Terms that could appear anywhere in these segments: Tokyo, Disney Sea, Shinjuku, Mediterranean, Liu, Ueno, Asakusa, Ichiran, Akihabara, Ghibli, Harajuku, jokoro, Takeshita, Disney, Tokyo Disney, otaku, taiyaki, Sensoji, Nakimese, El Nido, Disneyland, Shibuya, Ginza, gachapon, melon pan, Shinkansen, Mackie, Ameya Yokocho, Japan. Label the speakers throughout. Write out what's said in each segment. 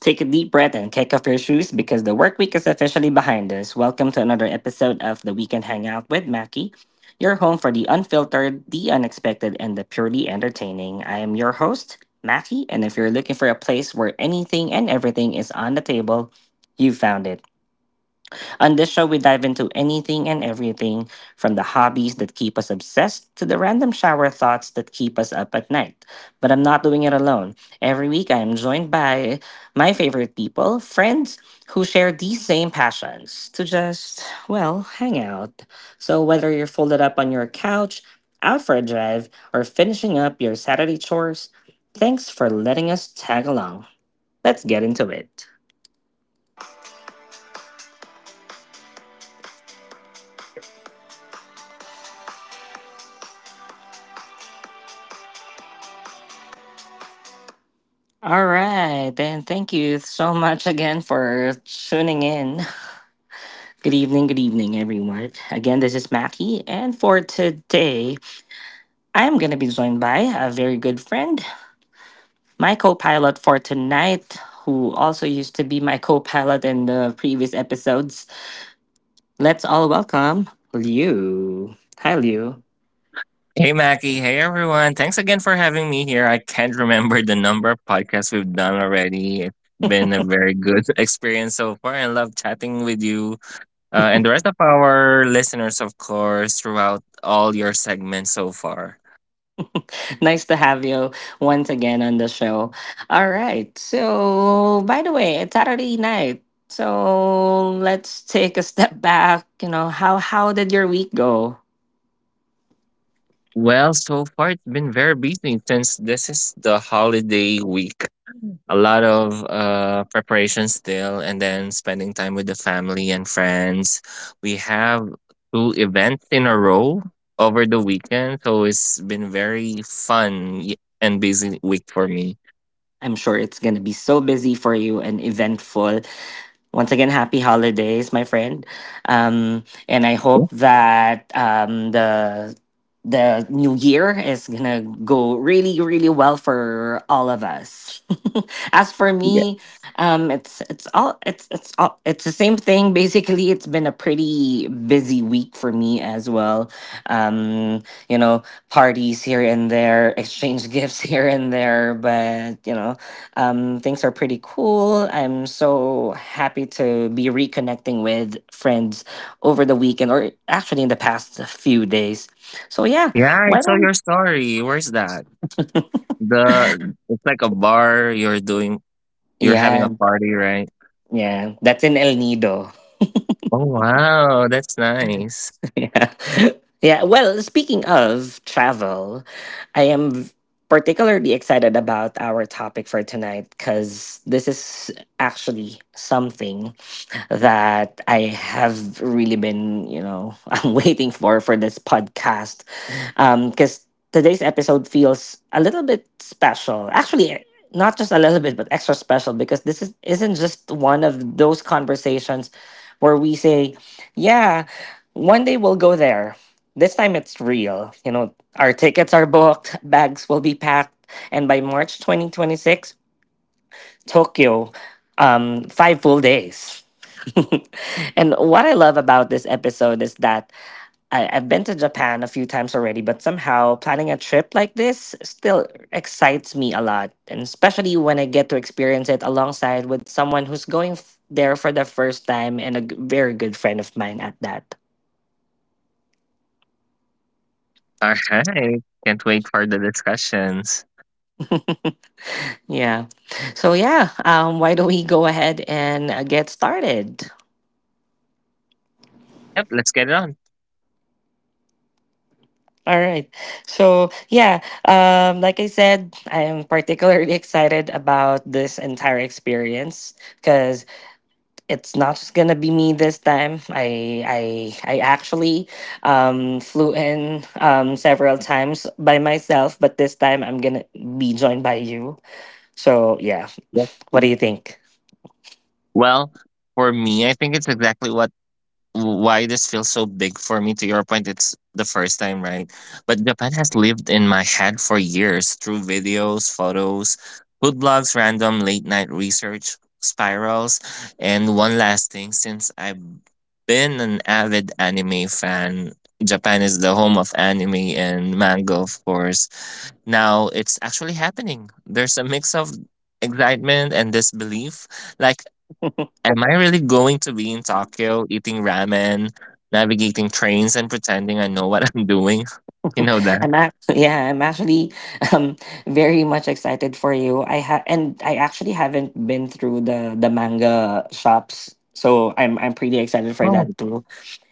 Speaker 1: Take a deep breath and kick off your shoes because the work week is officially behind us. Welcome to another episode of the Weekend Hangout with Mackie, your home for the unfiltered, the unexpected, and the purely entertaining. I am your host, Mackie, and if you're looking for a place where anything and everything is on the table, you found it. On this show, we dive into anything and everything from the hobbies that keep us obsessed to the random shower thoughts that keep us up at night. But I'm not doing it alone. Every week, I am joined by my favorite people, friends who share these same passions to just, well, hang out. So whether you're folded up on your couch, out for a drive, or finishing up your Saturday chores, thanks for letting us tag along. Let's get into it. All right, then thank you so much again for tuning in. Good evening, everyone. Again, this is Mackie, and for today, I'm going to be joined by a very good friend, my co pilot for tonight, who also used to be my co pilot in the previous episodes. Let's all welcome Liu. Hi, Liu.
Speaker 2: Hey Mackie, hey everyone. Thanks again for having me here. I can't remember the number of podcasts we've done already. It's been a very good experience so far and love chatting with you and the rest of our listeners, of course, throughout all your segments so far.
Speaker 1: Nice to have you once again on the show. All right. So, by the way, it's Saturday night. So, let's take a step back, you know, how did your week go?
Speaker 2: Well, so far it's been very busy since this is the holiday week. A lot of preparation still and then spending time with the family and friends we have two events in a row over the weekend so it's been very and busy week for me.
Speaker 1: I'm sure it's going to be so busy for you and eventful. Once again, happy holidays, my friend. And I
Speaker 2: Yeah.
Speaker 1: hope that the new year is gonna go really, really well for all of us. As for
Speaker 2: Yeah.
Speaker 1: me, it's the same thing. Basically, it's been a pretty busy week for me as well. Um, you know, parties here and there, exchange gifts here and there, but things are pretty cool. I'm so happy to be reconnecting with friends over the weekend or actually in the past few days. So yeah,
Speaker 2: Yeah, I
Speaker 1: why
Speaker 2: saw your
Speaker 1: don't
Speaker 2: story, where's that, the it's like a bar you're doing, you're having a
Speaker 1: yeah,
Speaker 2: party, right?
Speaker 1: yeah, that's in El Nido.
Speaker 2: Oh wow, that's nice.
Speaker 1: Yeah. Yeah, well, speaking of travel, I am v- particularly excited about our topic for tonight because this is actually something that I have really been, you know, I'm waiting for this podcast. Because today's episode feels a little bit special. Actually, not just a little bit, but extra special because this is isn't just one of those conversations where we say, "Yeah, one day we'll go there." This time it's real. You know, our tickets are booked, bags will be packed, and by March 2026. Tokyo, five full days. And what I love about this episode is that I've been to Japan a few times already, but somehow planning a trip like this still excites me a lot. And especially when I get to experience it alongside with someone who's there for the first time and very good friend of mine at that.
Speaker 2: All right, can't wait for the discussions.
Speaker 1: Yeah. So, yeah, why don't we go ahead and get started?
Speaker 2: Yep, let's get it on.
Speaker 1: All right. So, yeah, like I said, I am particularly excited about this entire experience because it's not just gonna be me this time. I actually flew in several times by myself, but this time I'm gonna be joined by you. So, yeah, what do you think?
Speaker 2: Well, for me, I think it's exactly what why this feels so big for me. To your point, it's the first time, right? But Japan has lived in my head for years through videos, photos, food blogs, random late night research spirals, and one last thing. Since I've been an avid anime fan, Japan is the home of anime and manga, of course. Now it's actually happening. There's a mix of excitement and disbelief, like, am I really going to be in Tokyo eating ramen, navigating trains, and pretending I know what I'm doing? You know that.
Speaker 1: I'm actually, yeah, I'm actually um very much excited for you. I ha and I actually haven't been through the manga shops, so I'm pretty excited for
Speaker 2: Oh,
Speaker 1: that too.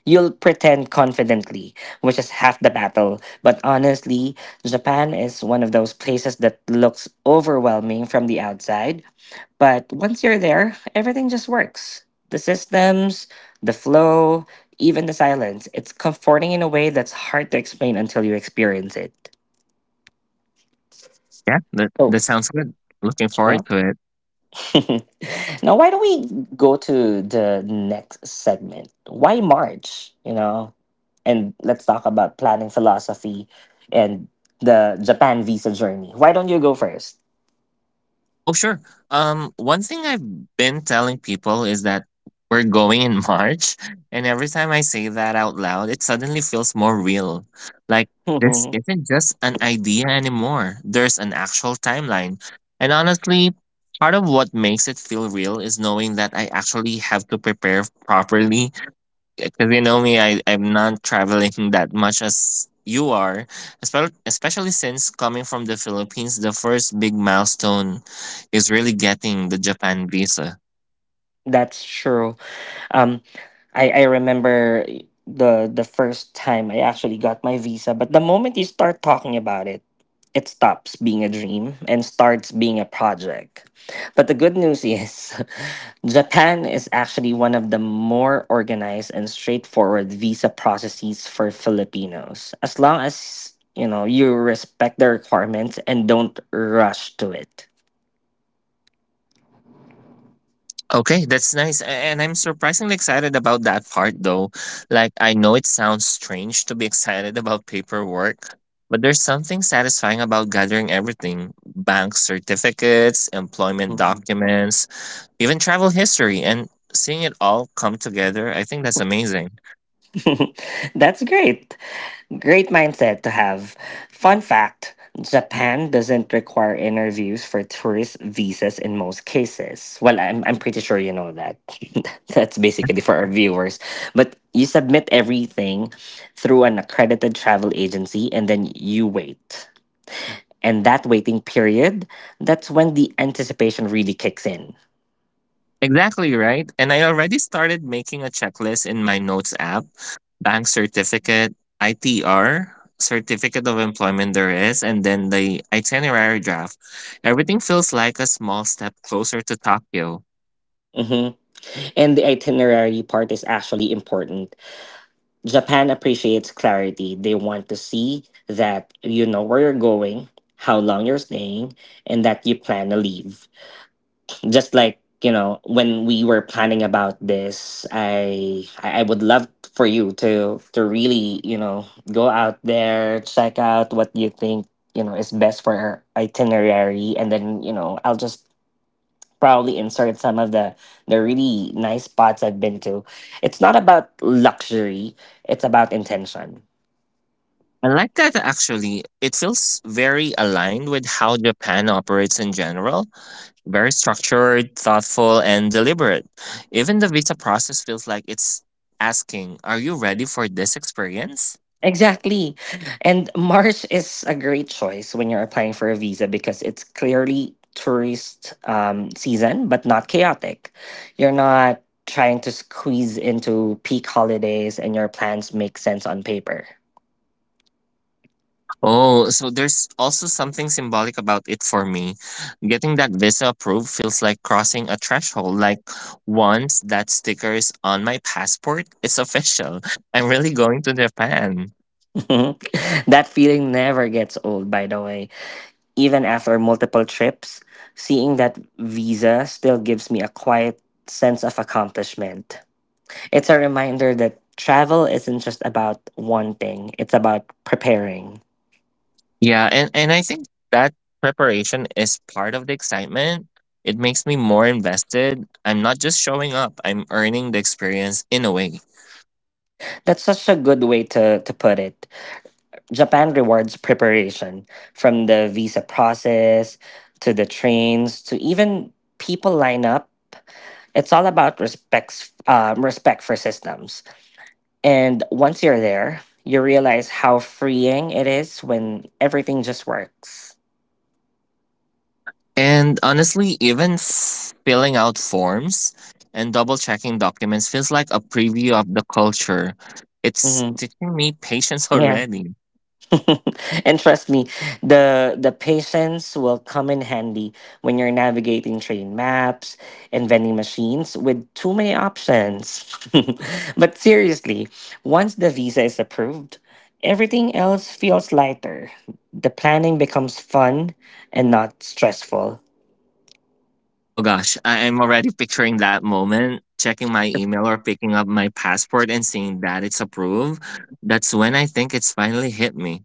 Speaker 1: You'll pretend confidently, which is half the battle. But honestly, Japan is one of those places that looks overwhelming from the outside, but once you're there, everything just works. The systems, the flow, even the silence. It's comforting in a way that's hard to explain until you experience it.
Speaker 2: yeah, that,
Speaker 1: Oh,
Speaker 2: that sounds good. Looking
Speaker 1: yeah.
Speaker 2: forward to it.
Speaker 1: Now, why don't we go to the next segment? Why March? You know, and let's talk about planning philosophy and the Japan visa journey. Why don't you go first?
Speaker 2: Oh, sure. One thing I've been telling people is that we're going in March, and every time I say that out loud, it suddenly feels more real. Like, this isn't just an idea anymore. There's an actual timeline. And honestly, part of what makes it feel real is knowing that I actually have to prepare properly because you know me, I'm not traveling that much as you are, especially since coming from the Philippines, the first big milestone is really getting the Japan visa.
Speaker 1: That's true. Um, I remember the first time I actually got my visa, but the moment you start talking about it, it stops being a dream and starts being a project. But the good news is Japan is actually one of the more organized and straightforward visa processes for Filipinos. As long as you know you respect the requirements and don't rush to it.
Speaker 2: Okay, that's nice. And I'm surprisingly excited about that part though. Like, I know it sounds strange to be excited about paperwork, but there's something satisfying about gathering everything, bank certificates, employment
Speaker 1: Mhm.
Speaker 2: documents, even travel history, and seeing it all come together. I think that's amazing.
Speaker 1: That's great. Great mindset to have. Fun fact: Japan doesn't require interviews for tourist visas in most cases. Well, I'm pretty sure you know that. That's basically for our viewers. But you submit everything through an accredited travel agency and then you wait. And that waiting period, that's when the anticipation really kicks in.
Speaker 2: Exactly right. And I already started making a checklist in my notes app: bank certificate, ITR, certificate of employment there is, and then the itinerary draft. Everything feels like a small step closer to Tokyo.
Speaker 1: Hmm. And the itinerary part is actually important. Japan appreciates clarity. They want to see that you know where you're going, how long you're staying, and that you plan to leave. Just like, you know, when we were planning about this, I would love for you to really, you know, go out there, check out what you think, you know, is best for our itinerary and then, you know, I'll just probably insert some of the really nice spots I've been to. It's not about luxury, it's about intention.
Speaker 2: I like that actually. It feels very aligned with how Japan operates in general, very structured, thoughtful, and deliberate. Even the visa process feels like it's asking, are you ready for this experience?
Speaker 1: Exactly. And Mars is a great choice when you're applying for a visa because it's clearly tourist season, but not chaotic. You're not trying to squeeze into peak holidays and your plans make sense on paper.
Speaker 2: Oh, so there's also something symbolic about it for me. Getting that visa approved feels like crossing a threshold. Like, once that sticker is on my passport, it's official. I'm really going to Japan.
Speaker 1: That feeling never gets old, by the way. Even after multiple trips, seeing that visa still gives me a quiet sense of accomplishment. It's a reminder that travel isn't just about one thing, it's about preparing.
Speaker 2: Yeah, and I think that preparation is part of the excitement. It makes me more invested. I'm not just showing up, I'm earning the experience in a way.
Speaker 1: That's such a good way to put it. Japan rewards preparation, from the visa process to the trains to even people line up. It's all about respects, respect for systems. And once you're there, you realize how freeing it is when everything just works.
Speaker 2: And honestly, even filling out forms and double checking documents feels like a preview of the culture. It's
Speaker 1: Hmm.
Speaker 2: teaching me patience already.
Speaker 1: And trust me, the patience will come in handy when you're navigating train maps and vending machines with too many options. But seriously, once the visa is approved, everything else feels lighter. The planning becomes fun and not stressful.
Speaker 2: Oh gosh, I am already picturing that moment, checking my email or picking up my passport and seeing that it's approved. That's when I think it's finally hit me.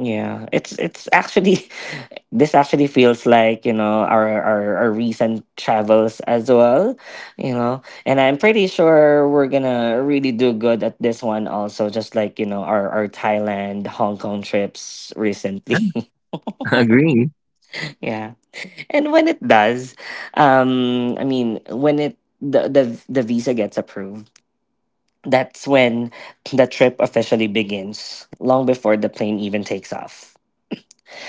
Speaker 1: Yeah, it's actually this actually feels like you know our recent travels as well, you know. And I'm pretty sure we're gonna really do good at this one also just like, you know, our Thailand Hong Kong trips
Speaker 2: Yeah,
Speaker 1: recently.
Speaker 2: agree.
Speaker 1: Yeah. And when it does, when the visa gets approved, that's when the trip officially begins, long before the plane even takes off.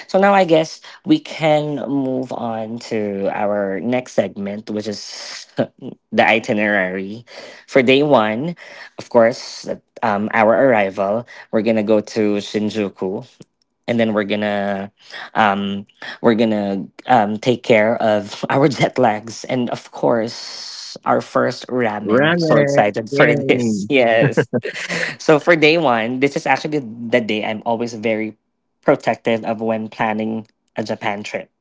Speaker 1: So now I guess we can move on to our next segment, which is the itinerary. For day one, of course, our arrival, we're gonna go to Shinjuku, and then um, we're gonna take care of our jet lags, and of course, our first ramen. So
Speaker 2: Ramen,
Speaker 1: excited for this!
Speaker 2: yay.
Speaker 1: Yes. So for day one, this is actually the day I'm always very protective of when planning a Japan trip.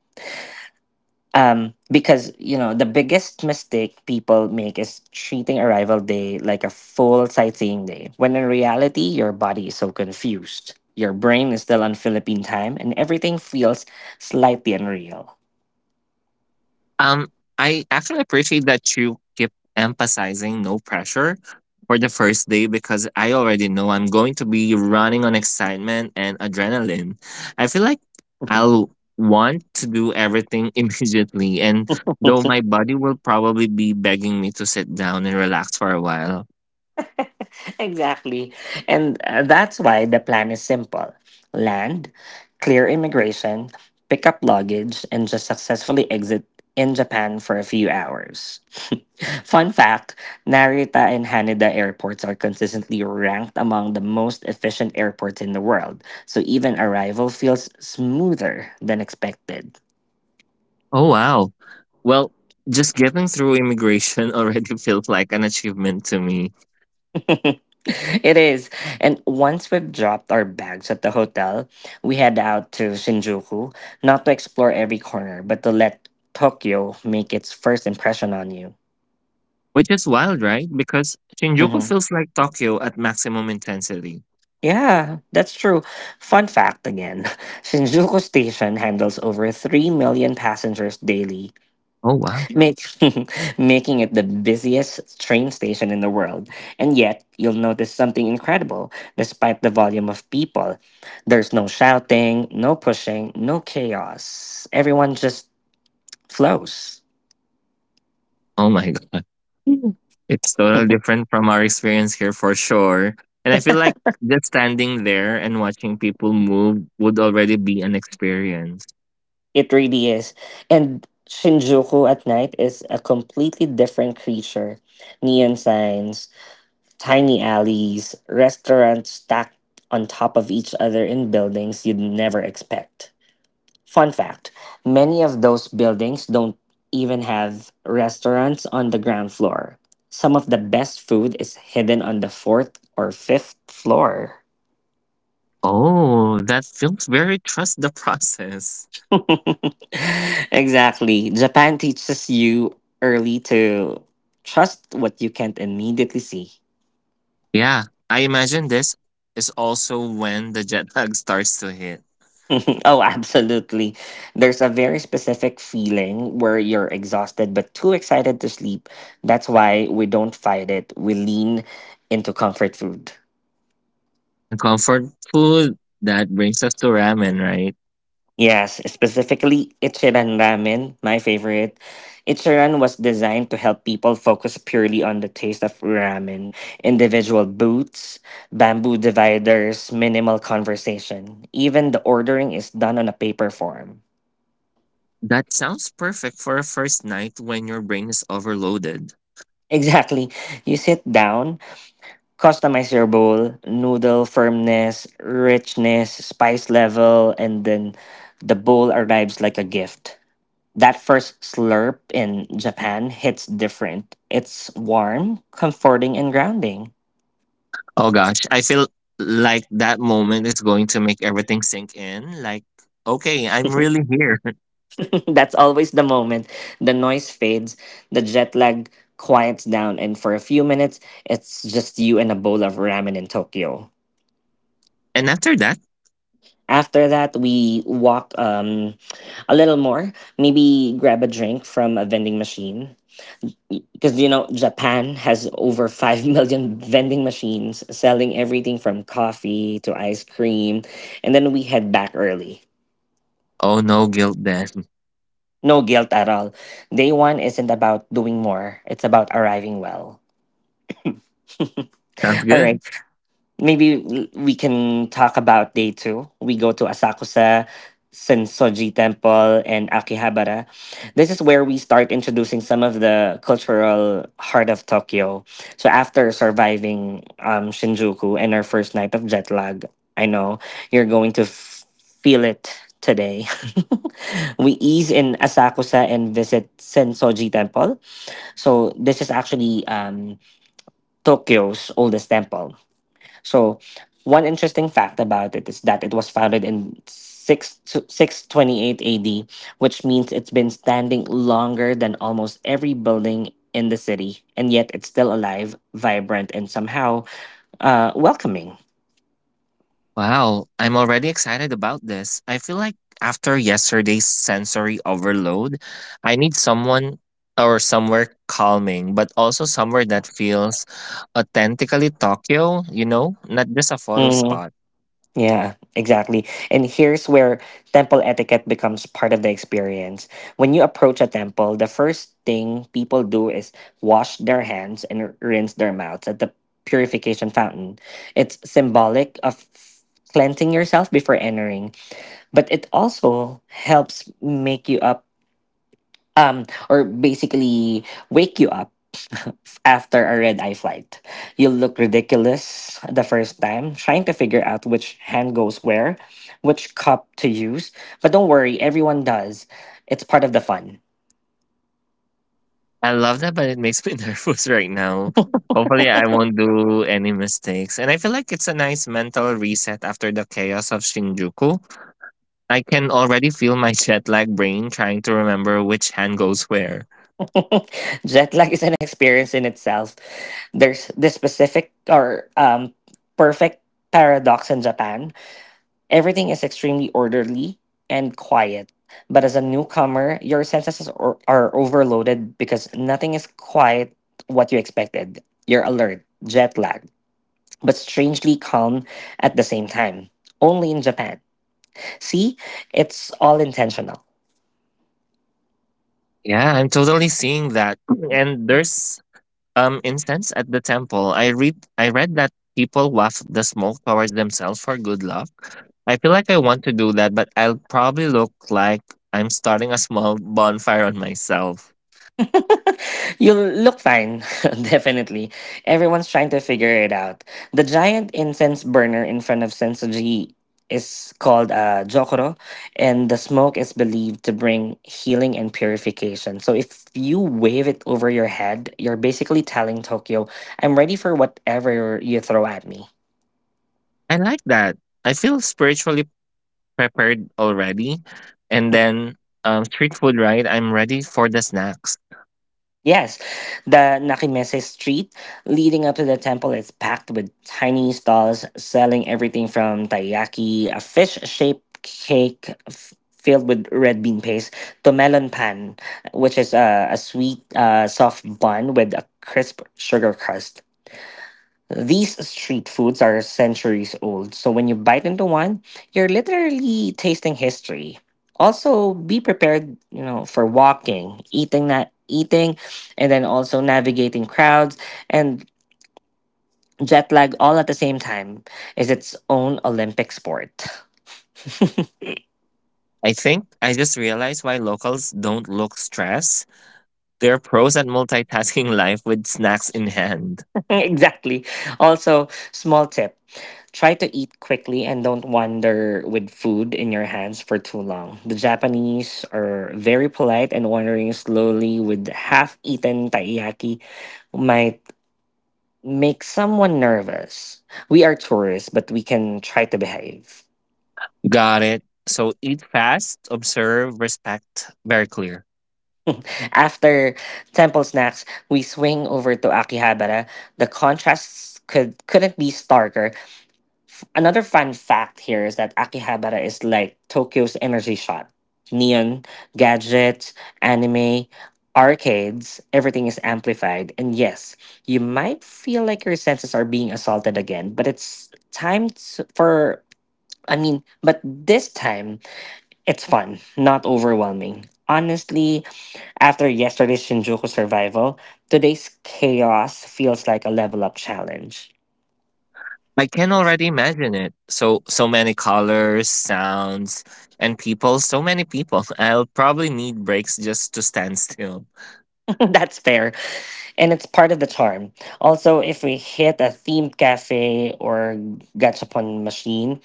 Speaker 1: Because you know the biggest mistake people make is treating arrival day like a full sightseeing day, when in reality your body is so confused, your brain is still on Philippine time, and everything feels slightly unreal.
Speaker 2: Um, I actually appreciate that you keep emphasizing no pressure for the first day because I already know I'm going to be running on excitement and adrenaline. I feel like I'll want to do everything immediately, and though my body will probably be begging me to sit down and relax for a while.
Speaker 1: Exactly. And that's why the plan is simple: land, clear immigration, pick up luggage, and just successfully exit in Japan for a few hours. Fun fact: Narita and Haneda airports are consistently ranked among the most efficient airports in the world, so even arrival feels smoother than expected.
Speaker 2: Oh, wow. Well, just getting through immigration already feels like an achievement to me.
Speaker 1: It is. And once we've dropped our bags at the hotel, we head out to Shinjuku, not to explore every corner, but to let Tokyo make its first impression on you.
Speaker 2: Which is wild, right? Because Shinjuku
Speaker 1: Hmm.
Speaker 2: feels like Tokyo at maximum intensity.
Speaker 1: Yeah, that's true. Fun fact again: Shinjuku Station handles over 3 million passengers daily,
Speaker 2: Oh, wow.
Speaker 1: make, making it the busiest train station in the world. And yet, you'll notice something incredible despite the volume of people. There's no shouting, no pushing, no chaos. Everyone just flows.
Speaker 2: Oh, my God. Mm. It's totally different from our experience here for sure. And I feel like just standing there and watching people move would already be an experience.
Speaker 1: It really is. And Shinjuku at night is a completely different creature. Neon signs, tiny alleys, restaurants stacked on top of each other in buildings you'd never expect. Fun fact: many of those buildings don't even have restaurants on the ground floor. Some of the best food is hidden on the fourth or fifth floor.
Speaker 2: Oh, that feels very trust the process.
Speaker 1: Exactly. Japan teaches you early to trust what you can't immediately see.
Speaker 2: Yeah, I imagine this is also when the jet lag starts to hit.
Speaker 1: Oh, absolutely. There's a very specific feeling where you're exhausted but too excited to sleep. That's why we don't fight it, we lean into comfort food.
Speaker 2: And comfort food, that brings us to ramen, right?
Speaker 1: Yes, specifically Ichiran Ramen, my favorite. Ichiran was designed to help people focus purely on the taste of ramen, individual booths, bamboo dividers, minimal conversation. Even the ordering is done on a paper form.
Speaker 2: That sounds perfect for a first night when your brain is overloaded.
Speaker 1: Exactly. You sit down, customize your bowl, noodle firmness, richness, spice level, and then the bowl arrives like a gift. That first slurp in Japan hits different. It's warm, comforting, and grounding.
Speaker 2: Oh gosh, I feel like that moment is going to make everything sink in. Like, okay, I'm really here.
Speaker 1: That's always the moment. The noise fades, the jet lag quiets down, and for a few minutes, it's just you and a bowl of ramen in Tokyo.
Speaker 2: And after that,
Speaker 1: After that, we walk a little more, maybe grab a drink from a vending machine, because you know Japan has over 5 million vending machines selling everything from coffee to ice cream, and then we head back early.
Speaker 2: oh no guilt then.
Speaker 1: No guilt at all. Day 1 isn't about doing more, it's about arriving well.
Speaker 2: Sounds
Speaker 1: All
Speaker 2: good.
Speaker 1: right. Maybe we can talk about day two. We go to Asakusa, Sensoji Temple, and Akihabara. This is where we start introducing some of the cultural heart of Tokyo. So after surviving Shinjuku and our first night of jet lag, I know you're going to feel it today. We ease in Asakusa and visit Sensoji Temple. So this is actually Tokyo's oldest temple, so one interesting fact about it is that it was founded in 6 628 AD, which means it's been standing longer than almost every building in the city, and yet it's still alive, vibrant, and somehow welcoming.
Speaker 2: Wow, I'm already excited about this. I feel like after yesterday's sensory overload, I need someone or somewhere calming, but also somewhere that feels authentically Tokyo, you know, not just a photo
Speaker 1: Mm-hmm.
Speaker 2: spot.
Speaker 1: Yeah, exactly. And here's where temple etiquette becomes part of the experience. When you approach a temple, the first thing people do is wash their hands and rinse their mouths at the purification fountain. It's symbolic of cleansing yourself before entering, but it also helps make you up or basically wake you up after a red eye flight. You'll look ridiculous the first time, trying to figure out which hand goes where, which cup to use. But don't worry, everyone does. It's part of the fun.
Speaker 2: I love that, but it makes me nervous right now. Hopefully, I won't do any mistakes. And I feel like it's a nice mental reset after the chaos of Shinjuku. I can already feel my jet lag brain trying to remember which hand goes where.
Speaker 1: Jet lag is an experience in itself. There's this specific or perfect paradox in Japan. Everything is extremely orderly and quiet, but as a newcomer, your senses are, overloaded because nothing is quite what you expected. You're alert, jet lagged, but strangely calm at the same time. Only in Japan. See, it's all intentional.
Speaker 2: Yeah, I'm totally seeing that. And there's instance at the temple. I read that people waft the smoke towards themselves for good luck. I feel like I want to do that, but I'll probably look like I'm starting a small bonfire on myself.
Speaker 1: You'll look fine, definitely. Everyone's trying to figure it out. The giant incense burner in front of Sensoji is called a jokoro, and the smoke is believed to bring healing and purification. So if you wave it over your head, you're basically telling Tokyo, I'm ready for whatever you throw at me.
Speaker 2: I like that. I feel spiritually prepared already. And then street food, right? I'm ready for the snacks.
Speaker 1: Yes, the Nakimese street leading up to the temple is packed with tiny stalls selling everything from taiyaki, a fish shaped cake filled with red bean paste, to melon pan, which is a sweet, soft bun with a crisp sugar crust. These street foods are centuries old, so when you bite into one, you're literally tasting history. Also, be prepared, you know, for walking, eating, and then also navigating crowds and jet lag all at the same time is its own Olympic sport.
Speaker 2: I think I just realized why locals don't look stressed. They're pros at multitasking life with snacks in hand.
Speaker 1: Exactly. Also, small tip: try to eat quickly and don't wander with food in your hands for too long. The Japanese are very polite, and wandering slowly with half eaten taiyaki might make someone nervous. We are tourists, but we can try to behave.
Speaker 2: Got it. So eat fast, observe, respect, very clear.
Speaker 1: After temple snacks, we swing over to Akihabara. The contrasts couldn't be starker. Another fun fact here is that Akihabara is like Tokyo's energy shot. Neon, gadgets, anime, arcades, everything is amplified. And yes, you might feel like your senses are being assaulted again, but it's time to, for, I mean, but this time it's fun, not overwhelming. Honestly, after yesterday's Shinjuku survival, today's chaos feels like a level up challenge.
Speaker 2: I can already imagine it. So so many colors, sounds, and people, so many people. I'll probably need breaks just to stand still.
Speaker 1: That's fair. And it's part of the charm. Also, if we hit a themed cafe or gachapon machine,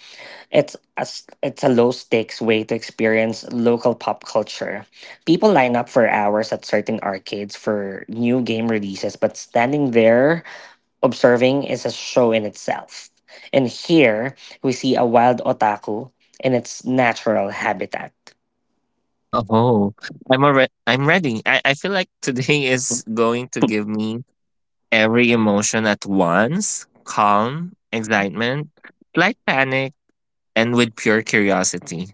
Speaker 1: it's a low stakes way to experience local pop culture. People line up for hours at certain arcades for new game releases, but standing there observing is a show in itself. And here we see a wild otaku in its natural habitat.
Speaker 2: Oh, I'm already. I'm ready. I feel like today is going to give me every emotion at once: calm, excitement, slight panic, and with pure curiosity.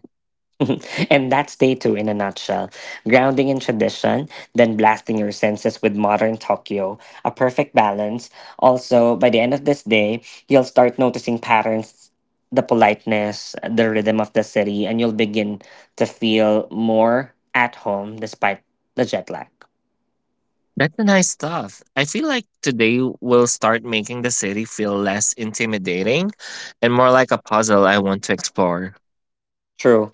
Speaker 1: And that's day two in a nutshell: grounding in tradition, then blasting your senses with modern Tokyo. A perfect balance. Also, by the end of this day, you'll start noticing patterns, the politeness, the rhythm of the city, and you'll begin to feel more at home despite the jet lag.
Speaker 2: That's the nice stuff. I feel like today will start making the city feel less intimidating and more like a puzzle I want to explore.
Speaker 1: True.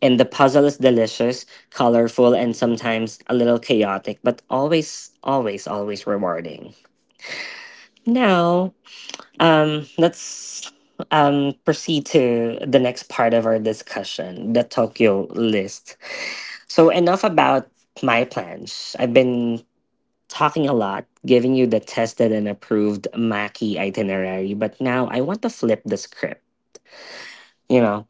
Speaker 1: And the puzzle is delicious, colorful, and sometimes a little chaotic, but always, always, always rewarding. Now. Let's proceed to the next part of our discussion, the Tokyo list. So, enough about my plans. I've been talking a lot, giving you the tested and approved Maki itinerary, but now I want to flip the script. You know,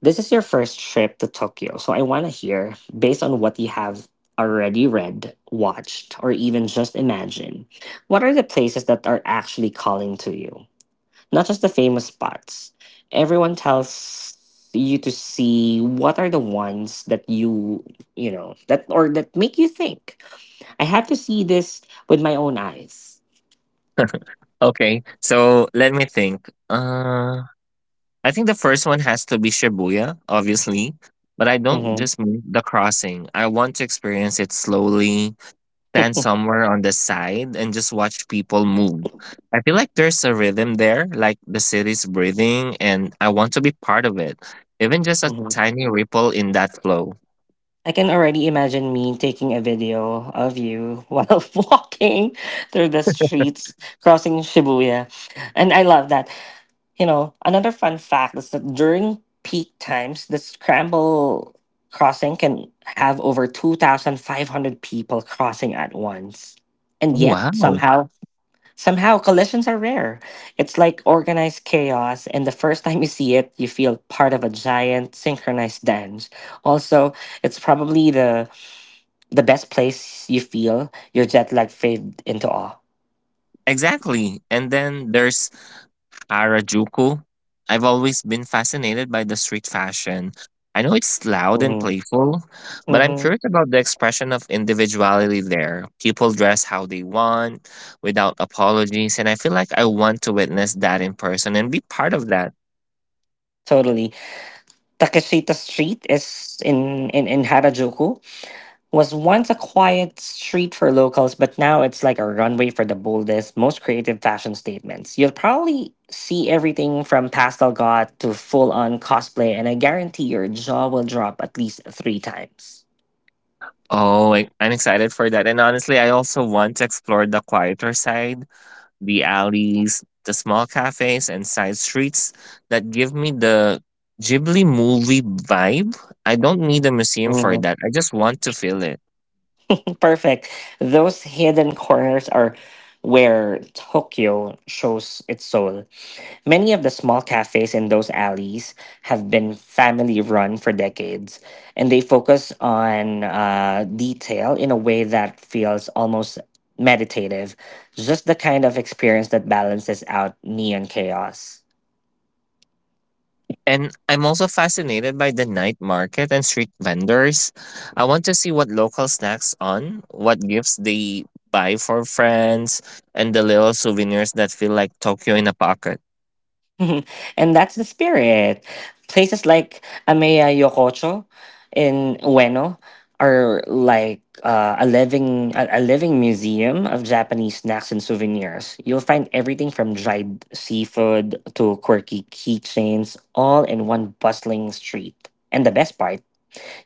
Speaker 1: this is your first trip to Tokyo, so I want to hear, based on what you have already read, watched, or even just imagined, what are the places that are actually calling to you? Not just the famous spots everyone tells you to see. What are the ones that you know, that or that make you think, I have to see this with my own eyes.
Speaker 2: Okay, so let me think. I think the first one has to be Shibuya, obviously. But I don't
Speaker 1: Hmm.
Speaker 2: just mean the crossing. I want to experience it slowly, stand somewhere on the side, and just watch people move. I feel like there's a rhythm there, like the city's breathing, and I want to be part of it. Even just a
Speaker 1: Hmm.
Speaker 2: tiny ripple in that flow.
Speaker 1: I can already imagine me taking a video of you while walking through the streets crossing Shibuya, and I love that. You know, another fun fact is that during peak times, the scramble crossing can have over 2,500 people crossing at once.
Speaker 2: Oh,
Speaker 1: And yet,
Speaker 2: wow.
Speaker 1: somehow, somehow collisions are rare. It's like organized chaos, and the first time you see it, you feel part of a giant synchronized dance. Also, it's probably the best place you feel your jet lag fade into awe.
Speaker 2: Exactly. And then there's Harajuku. I've always been fascinated by the street fashion. I know it's loud and
Speaker 1: Hmm.
Speaker 2: playful, but I'm
Speaker 1: Hmm.
Speaker 2: curious about the expression of individuality there. People dress how they want without apologies, and I feel like I want to witness that in person and be part of that.
Speaker 1: Totally. Takeshita Street in Harajuku was once a quiet street for locals, but now it's like a runway for the boldest, most creative fashion statements. You'll probably see everything from pastel god to full on cosplay, and I guarantee your jaw will drop at least 3 times.
Speaker 2: Oh, I'm excited for that. And honestly, I also want to explore the quieter side, the alleys, the small cafes, and side streets that give me the Ghibli movie vibe. I don't need a museum for
Speaker 1: Mhm.
Speaker 2: that. I just want to feel it.
Speaker 1: Perfect. Those hidden corners are where Tokyo shows its soul. Many of the small cafes in those alleys have been family run for decades, and they focus on detail in a way that feels almost meditative, just the kind of experience that balances out neon chaos.
Speaker 2: And I'm also fascinated by the night market and street vendors. I want to see what local snacks on, what gifts they buy for friends, and the little souvenirs that feel like Tokyo in a pocket.
Speaker 1: And that's the spirit. Places like Ameya Yokocho in Ueno are like a living a living museum of Japanese snacks and souvenirs. You'll find everything from dried seafood to quirky keychains, all in one bustling street. And the best part,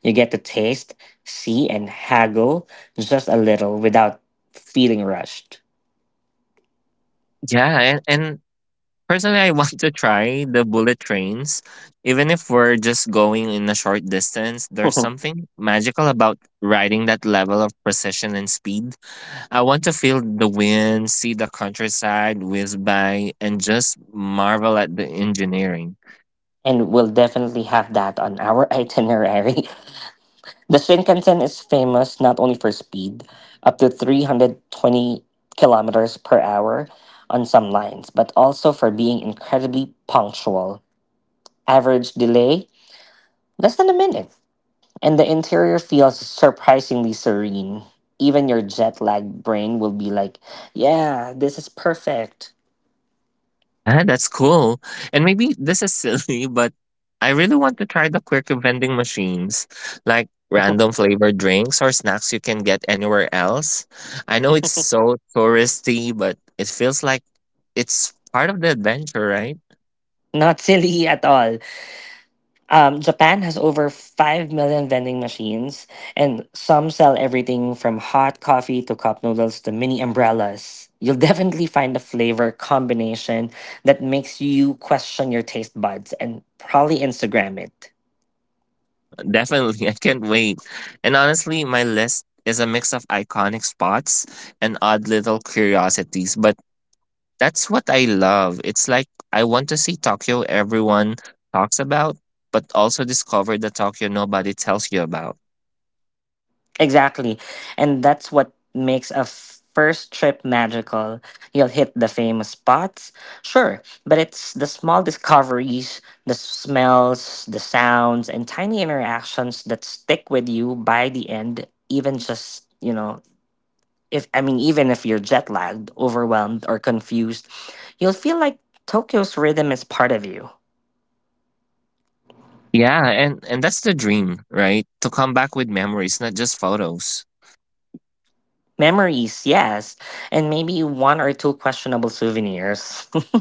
Speaker 1: you get to taste, see, and haggle just a little without feeling rushed.
Speaker 2: Yeah, and personally, I want to try the bullet trains. Even if we're just going in a short distance, there's something magical about riding that level of precision and speed. I want to feel the wind, see the countryside whiz by, and just marvel at the engineering.
Speaker 1: And we'll definitely have that on our itinerary. The Shinkansen is famous not only for speed, up to 320 kilometers per hour on some lines, but also for being incredibly punctual. Average delay less than a minute. And the interior feels surprisingly serene. Even your jet lagged brain will be like, yeah, this is perfect.
Speaker 2: Yeah, that's cool. And maybe this is silly, but I really want to try the quirky vending machines, like random flavored drinks or snacks you can get anywhere else. I know it's so touristy, but it feels like it's part of the adventure, right?
Speaker 1: Not silly at all. Japan has over 5 million vending machines, and some sell everything from hot coffee to cup noodles to mini umbrellas. You'll definitely find a flavor combination that makes you question your taste buds and probably Instagram it.
Speaker 2: Definitely, I can't wait. And honestly, my list is a mix of iconic spots and odd little curiosities, but that's what I love. It's like I want to see Tokyo everyone talks about, but also discover the Tokyo nobody tells you about.
Speaker 1: Exactly. And that's what makes a first trip magical. You'll hit the famous spots, sure, but it's the small discoveries, the smells, the sounds, and tiny interactions that stick with you by the end. Even just, you know, if I mean, even if you're jet lagged, overwhelmed, or confused, you'll feel like Tokyo's rhythm is part of you.
Speaker 2: Yeah, and that's the dream, right? To come back with memories, not just photos.
Speaker 1: Memories, yes, and maybe one or two questionable souvenirs.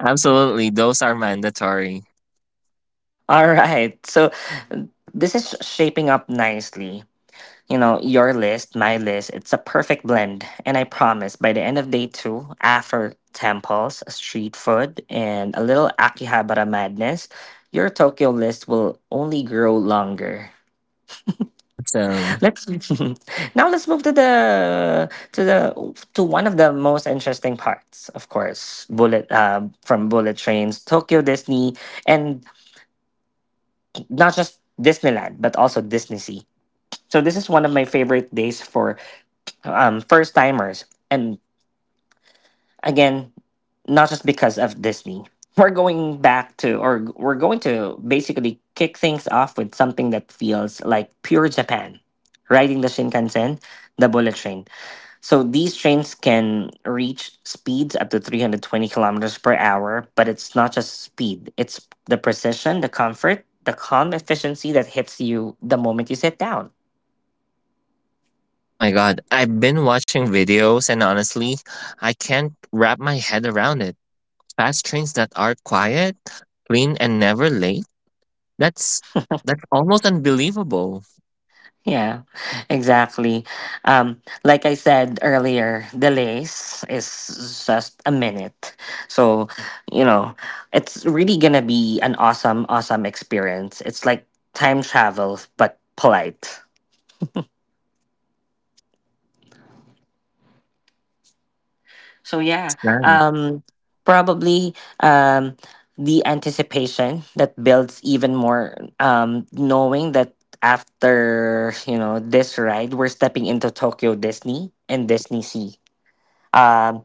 Speaker 2: Absolutely, those are mandatory.
Speaker 1: All right. So this is shaping up nicely. You know, your list, my list, it's a perfect blend. And I promise by the end of day two, after temples, street food, and a little Akihabara madness, your Tokyo list will only grow longer.
Speaker 2: Awesome.
Speaker 1: Let's now let's move to the to the to one of the most interesting parts, of course. Bullet From bullet trains, Tokyo Disney, and not just Disneyland, but also Disney Sea. So this is one of my favorite days for first timers. And again, not just because of Disney. We're going to basically kick things off with something that feels like pure Japan. Riding the Shinkansen, the bullet train. So these trains can reach speeds up to 320 kilometers per hour, but it's not just speed, it's the precision, the comfort, the calm efficiency that hits you the moment you sit down.
Speaker 2: Oh my god, I've been watching videos and honestly, I can't wrap my head around it. Fast trains that are quiet, clean and never late. That's that's almost unbelievable.
Speaker 1: Yeah, exactly. Like I said earlier, delays is just a minute. So, you know, it's really gonna be an awesome, awesome experience. It's like time travel, but polite. So,
Speaker 2: Yeah,
Speaker 1: yeah,
Speaker 2: that's nice.
Speaker 1: um, probably, um, the anticipation that builds even more, knowing that after, you know, this ride, we're stepping into Tokyo Disney and Disney Sea. um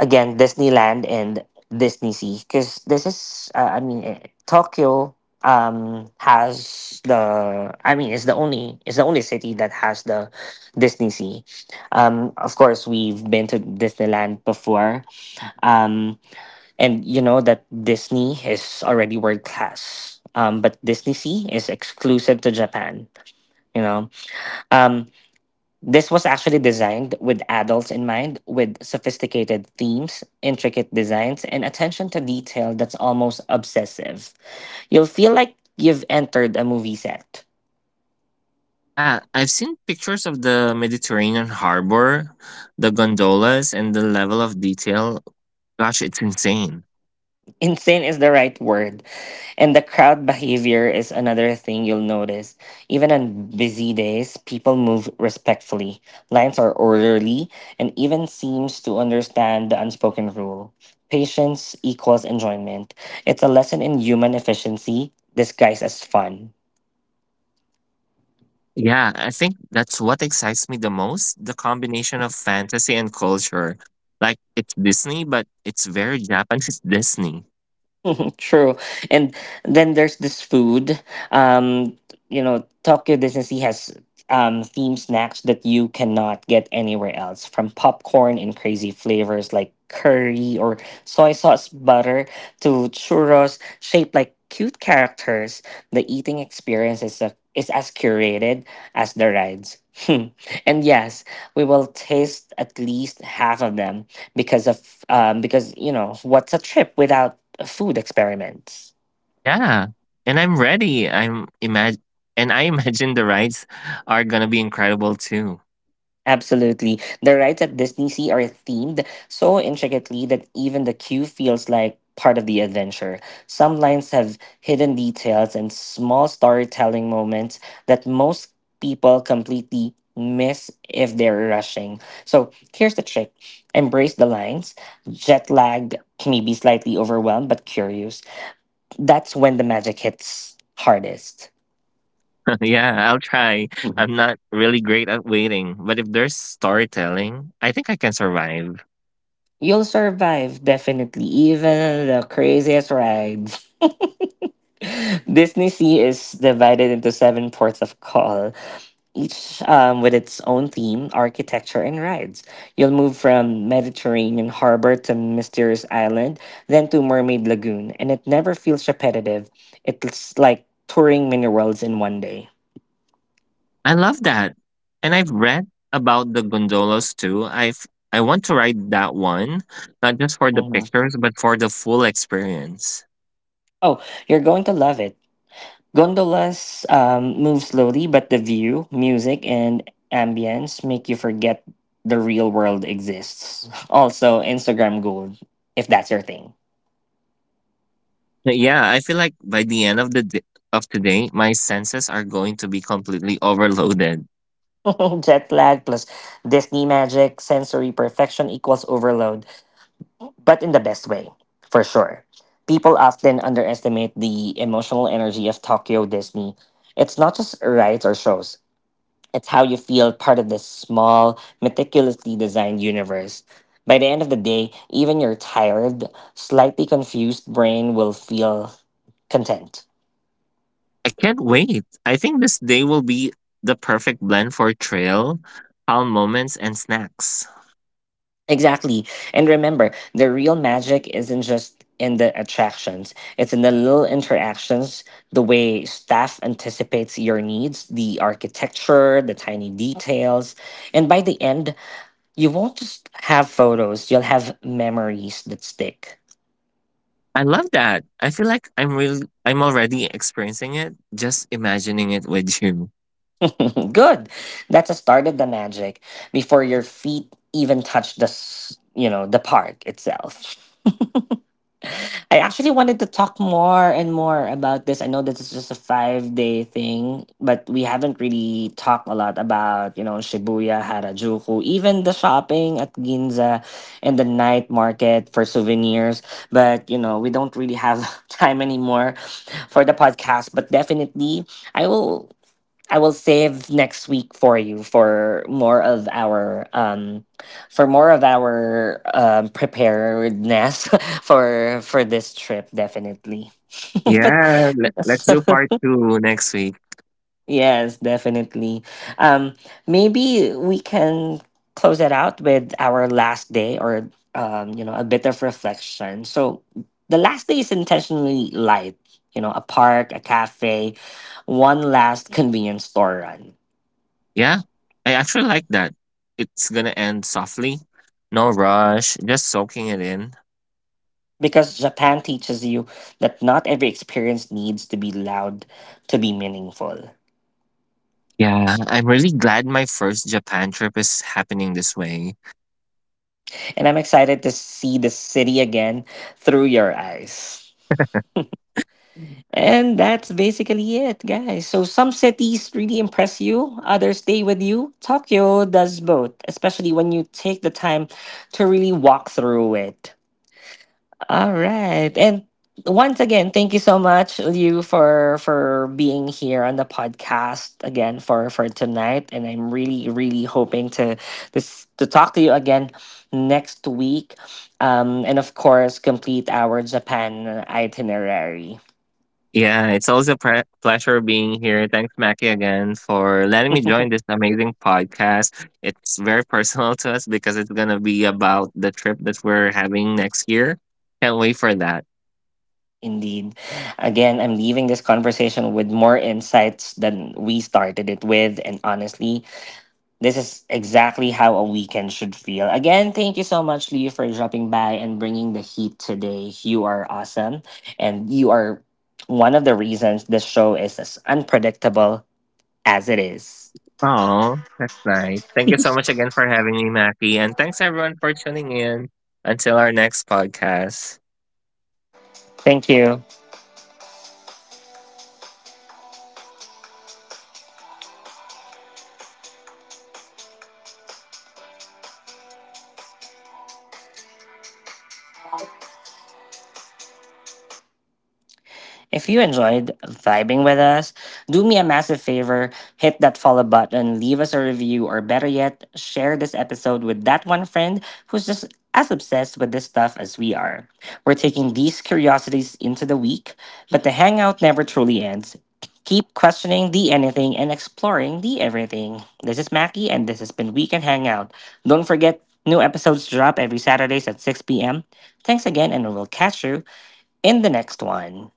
Speaker 1: Again, Disneyland and Disney Sea, because this is I mean, Tokyo has the, I mean, it's the only, it's the only city that has the Disney Sea. Of course, we've been to Disneyland before. um and you know that Disney is already world class. But Disney Sea is exclusive to Japan. you know um this was actually designed with adults in mind, with sophisticated themes, intricate designs, and attention to detail that's almost obsessive. You'll feel like you've entered a movie set.
Speaker 2: Yeah, I've seen pictures of the Mediterranean harbor, the gondolas, and the level of detail. Gosh, it's insane.
Speaker 1: Insane is the right word. And the crowd behavior is another thing you'll notice. Even on busy days, people move respectfully. Lines are orderly and even seems to understand the unspoken rule. Patience equals enjoyment. It's a lesson in human efficiency disguised as fun.
Speaker 2: Yeah, I think that's what excites me the most, the combination of fantasy and culture. Like, it's Disney, but it's very Japanese Disney.
Speaker 1: True. And then there's this food. Um, you know, Tokyo Disney Sea has theme snacks that you cannot get anywhere else, from popcorn in crazy flavors like curry or soy sauce butter to churros shaped like cute characters. The eating experience is as curated as the rides. And yes, we will taste at least half of them, because what's a trip without food experiments.
Speaker 2: Yeah, and I'm ready. I imagine the rides are gonna be incredible too.
Speaker 1: Absolutely. The rides at Disney Sea are themed so intricately that even the queue feels like part of the adventure. Some lines have hidden details and small storytelling moments that most people completely miss if they're rushing. So here's the trick: embrace the lines. Jet lagged, maybe slightly overwhelmed, but curious. That's when the magic hits hardest.
Speaker 2: Yeah, I'll try. I'm not really great at waiting, but if there's storytelling, I think I can survive.
Speaker 1: You'll survive, definitely, even the craziest rides. Disney Sea is divided into seven ports of call, each with its own theme, architecture, and rides. You'll move from Mediterranean harbor to mysterious island, then to Mermaid Lagoon, and it never feels repetitive. It's like touring mini worlds in one day.
Speaker 2: I love that. And I've read about the gondolas too. I want to ride that one, not just for the
Speaker 1: Mhm.
Speaker 2: pictures, but for the full experience.
Speaker 1: Oh, you're going to love it. Gondolas move slowly, but the view, music, and ambience make you forget the real world exists. Also, Instagram gold, if that's your thing.
Speaker 2: But yeah, I feel like by the end of the d of today, my senses are going to be completely overloaded.
Speaker 1: Jet lag plus Disney magic, sensory perfection equals overload, but in the best way, for sure. People often underestimate the emotional energy of Tokyo Disney. It's not just rides or shows, it's how you feel part of this small, meticulously designed universe. By the end of the day, even your tired, slightly confused brain will feel content.
Speaker 2: I can't wait. I think this day will be the perfect blend for trail, calm moments, and snacks.
Speaker 1: Exactly. And remember, the real magic isn't just in the attractions, it's in the little interactions, the way staff anticipates your needs, the architecture, the tiny details. And by the end, you won't just have photos, you'll have memories that stick.
Speaker 2: I love that. I feel like I'm already experiencing it, just imagining it with you.
Speaker 1: Good. That's a start of the magic before your feet even touch the, s- you know, the park itself. I actually
Speaker 2: Yeah.
Speaker 1: wanted to talk more and more about this. I know this is just a 5 day thing, but we haven't really talked a lot about, you know, Shibuya, Harajuku, even the shopping at Ginza and the night market for souvenirs. But, you know, we don't really have time anymore for the podcast. But definitely, I will. I will save next week for you for more of our preparedness for this trip, definitely. but
Speaker 2: Yeah, let's do part 2 next week.
Speaker 1: yes, definitely. Um Maybe we can close it out with our last day, or a bit of reflection. So the last day is intentionally light, you know, a park, a cafe, one last convenience store run.
Speaker 2: Yeah. I actually like that. It's going to end softly. No rush, just soaking it in.
Speaker 1: Because Japan teaches you that not every experience needs to be loud to be meaningful.
Speaker 2: Yeah, I'm really glad my first Japan trip is happening this way.
Speaker 1: And I'm excited to see the city again through your eyes. And that's basically it, guys. So some cities really impress you, others stay with you. Tokyo does both, especially when you take the time to really walk through it. All right. And once again, thank you so much, Liu, for being here on the podcast again for tonight. And I'm really, really hoping to talk to you again next week. And of course, complete our Japan itinerary.
Speaker 2: Yeah, it's always a pleasure being here. Thanks, Mackie, again for letting me join this amazing podcast. It's very personal to us because it's going to be about the trip that we're having next year. Can't wait for that.
Speaker 1: Indeed. Again, I'm leaving this conversation with more insights than we started it with. And honestly, this is exactly how a weekend should feel. Again, thank you so much, Lee, for dropping by and bringing the heat today. You are awesome. And you are one of the reasons this show is as unpredictable as it is.
Speaker 2: Oh, that's nice. Thank you so much again for having me, Mackie. And thanks, everyone, for tuning in. Until our next podcast.
Speaker 1: Thank you. If you enjoyed vibing with us, do me a massive favor: hit that follow button, leave us a review, or better yet, share this episode with that one friend who's just as obsessed with this stuff as we are. We're taking these curiosities into the week, but the hangout never truly ends. Keep questioning the anything and exploring the everything. This is Mackie, and this has been Weekend Hangout. Don't forget, new episodes drop every Saturdays at 6 p.m. Thanks again, and we'll catch you in the next one.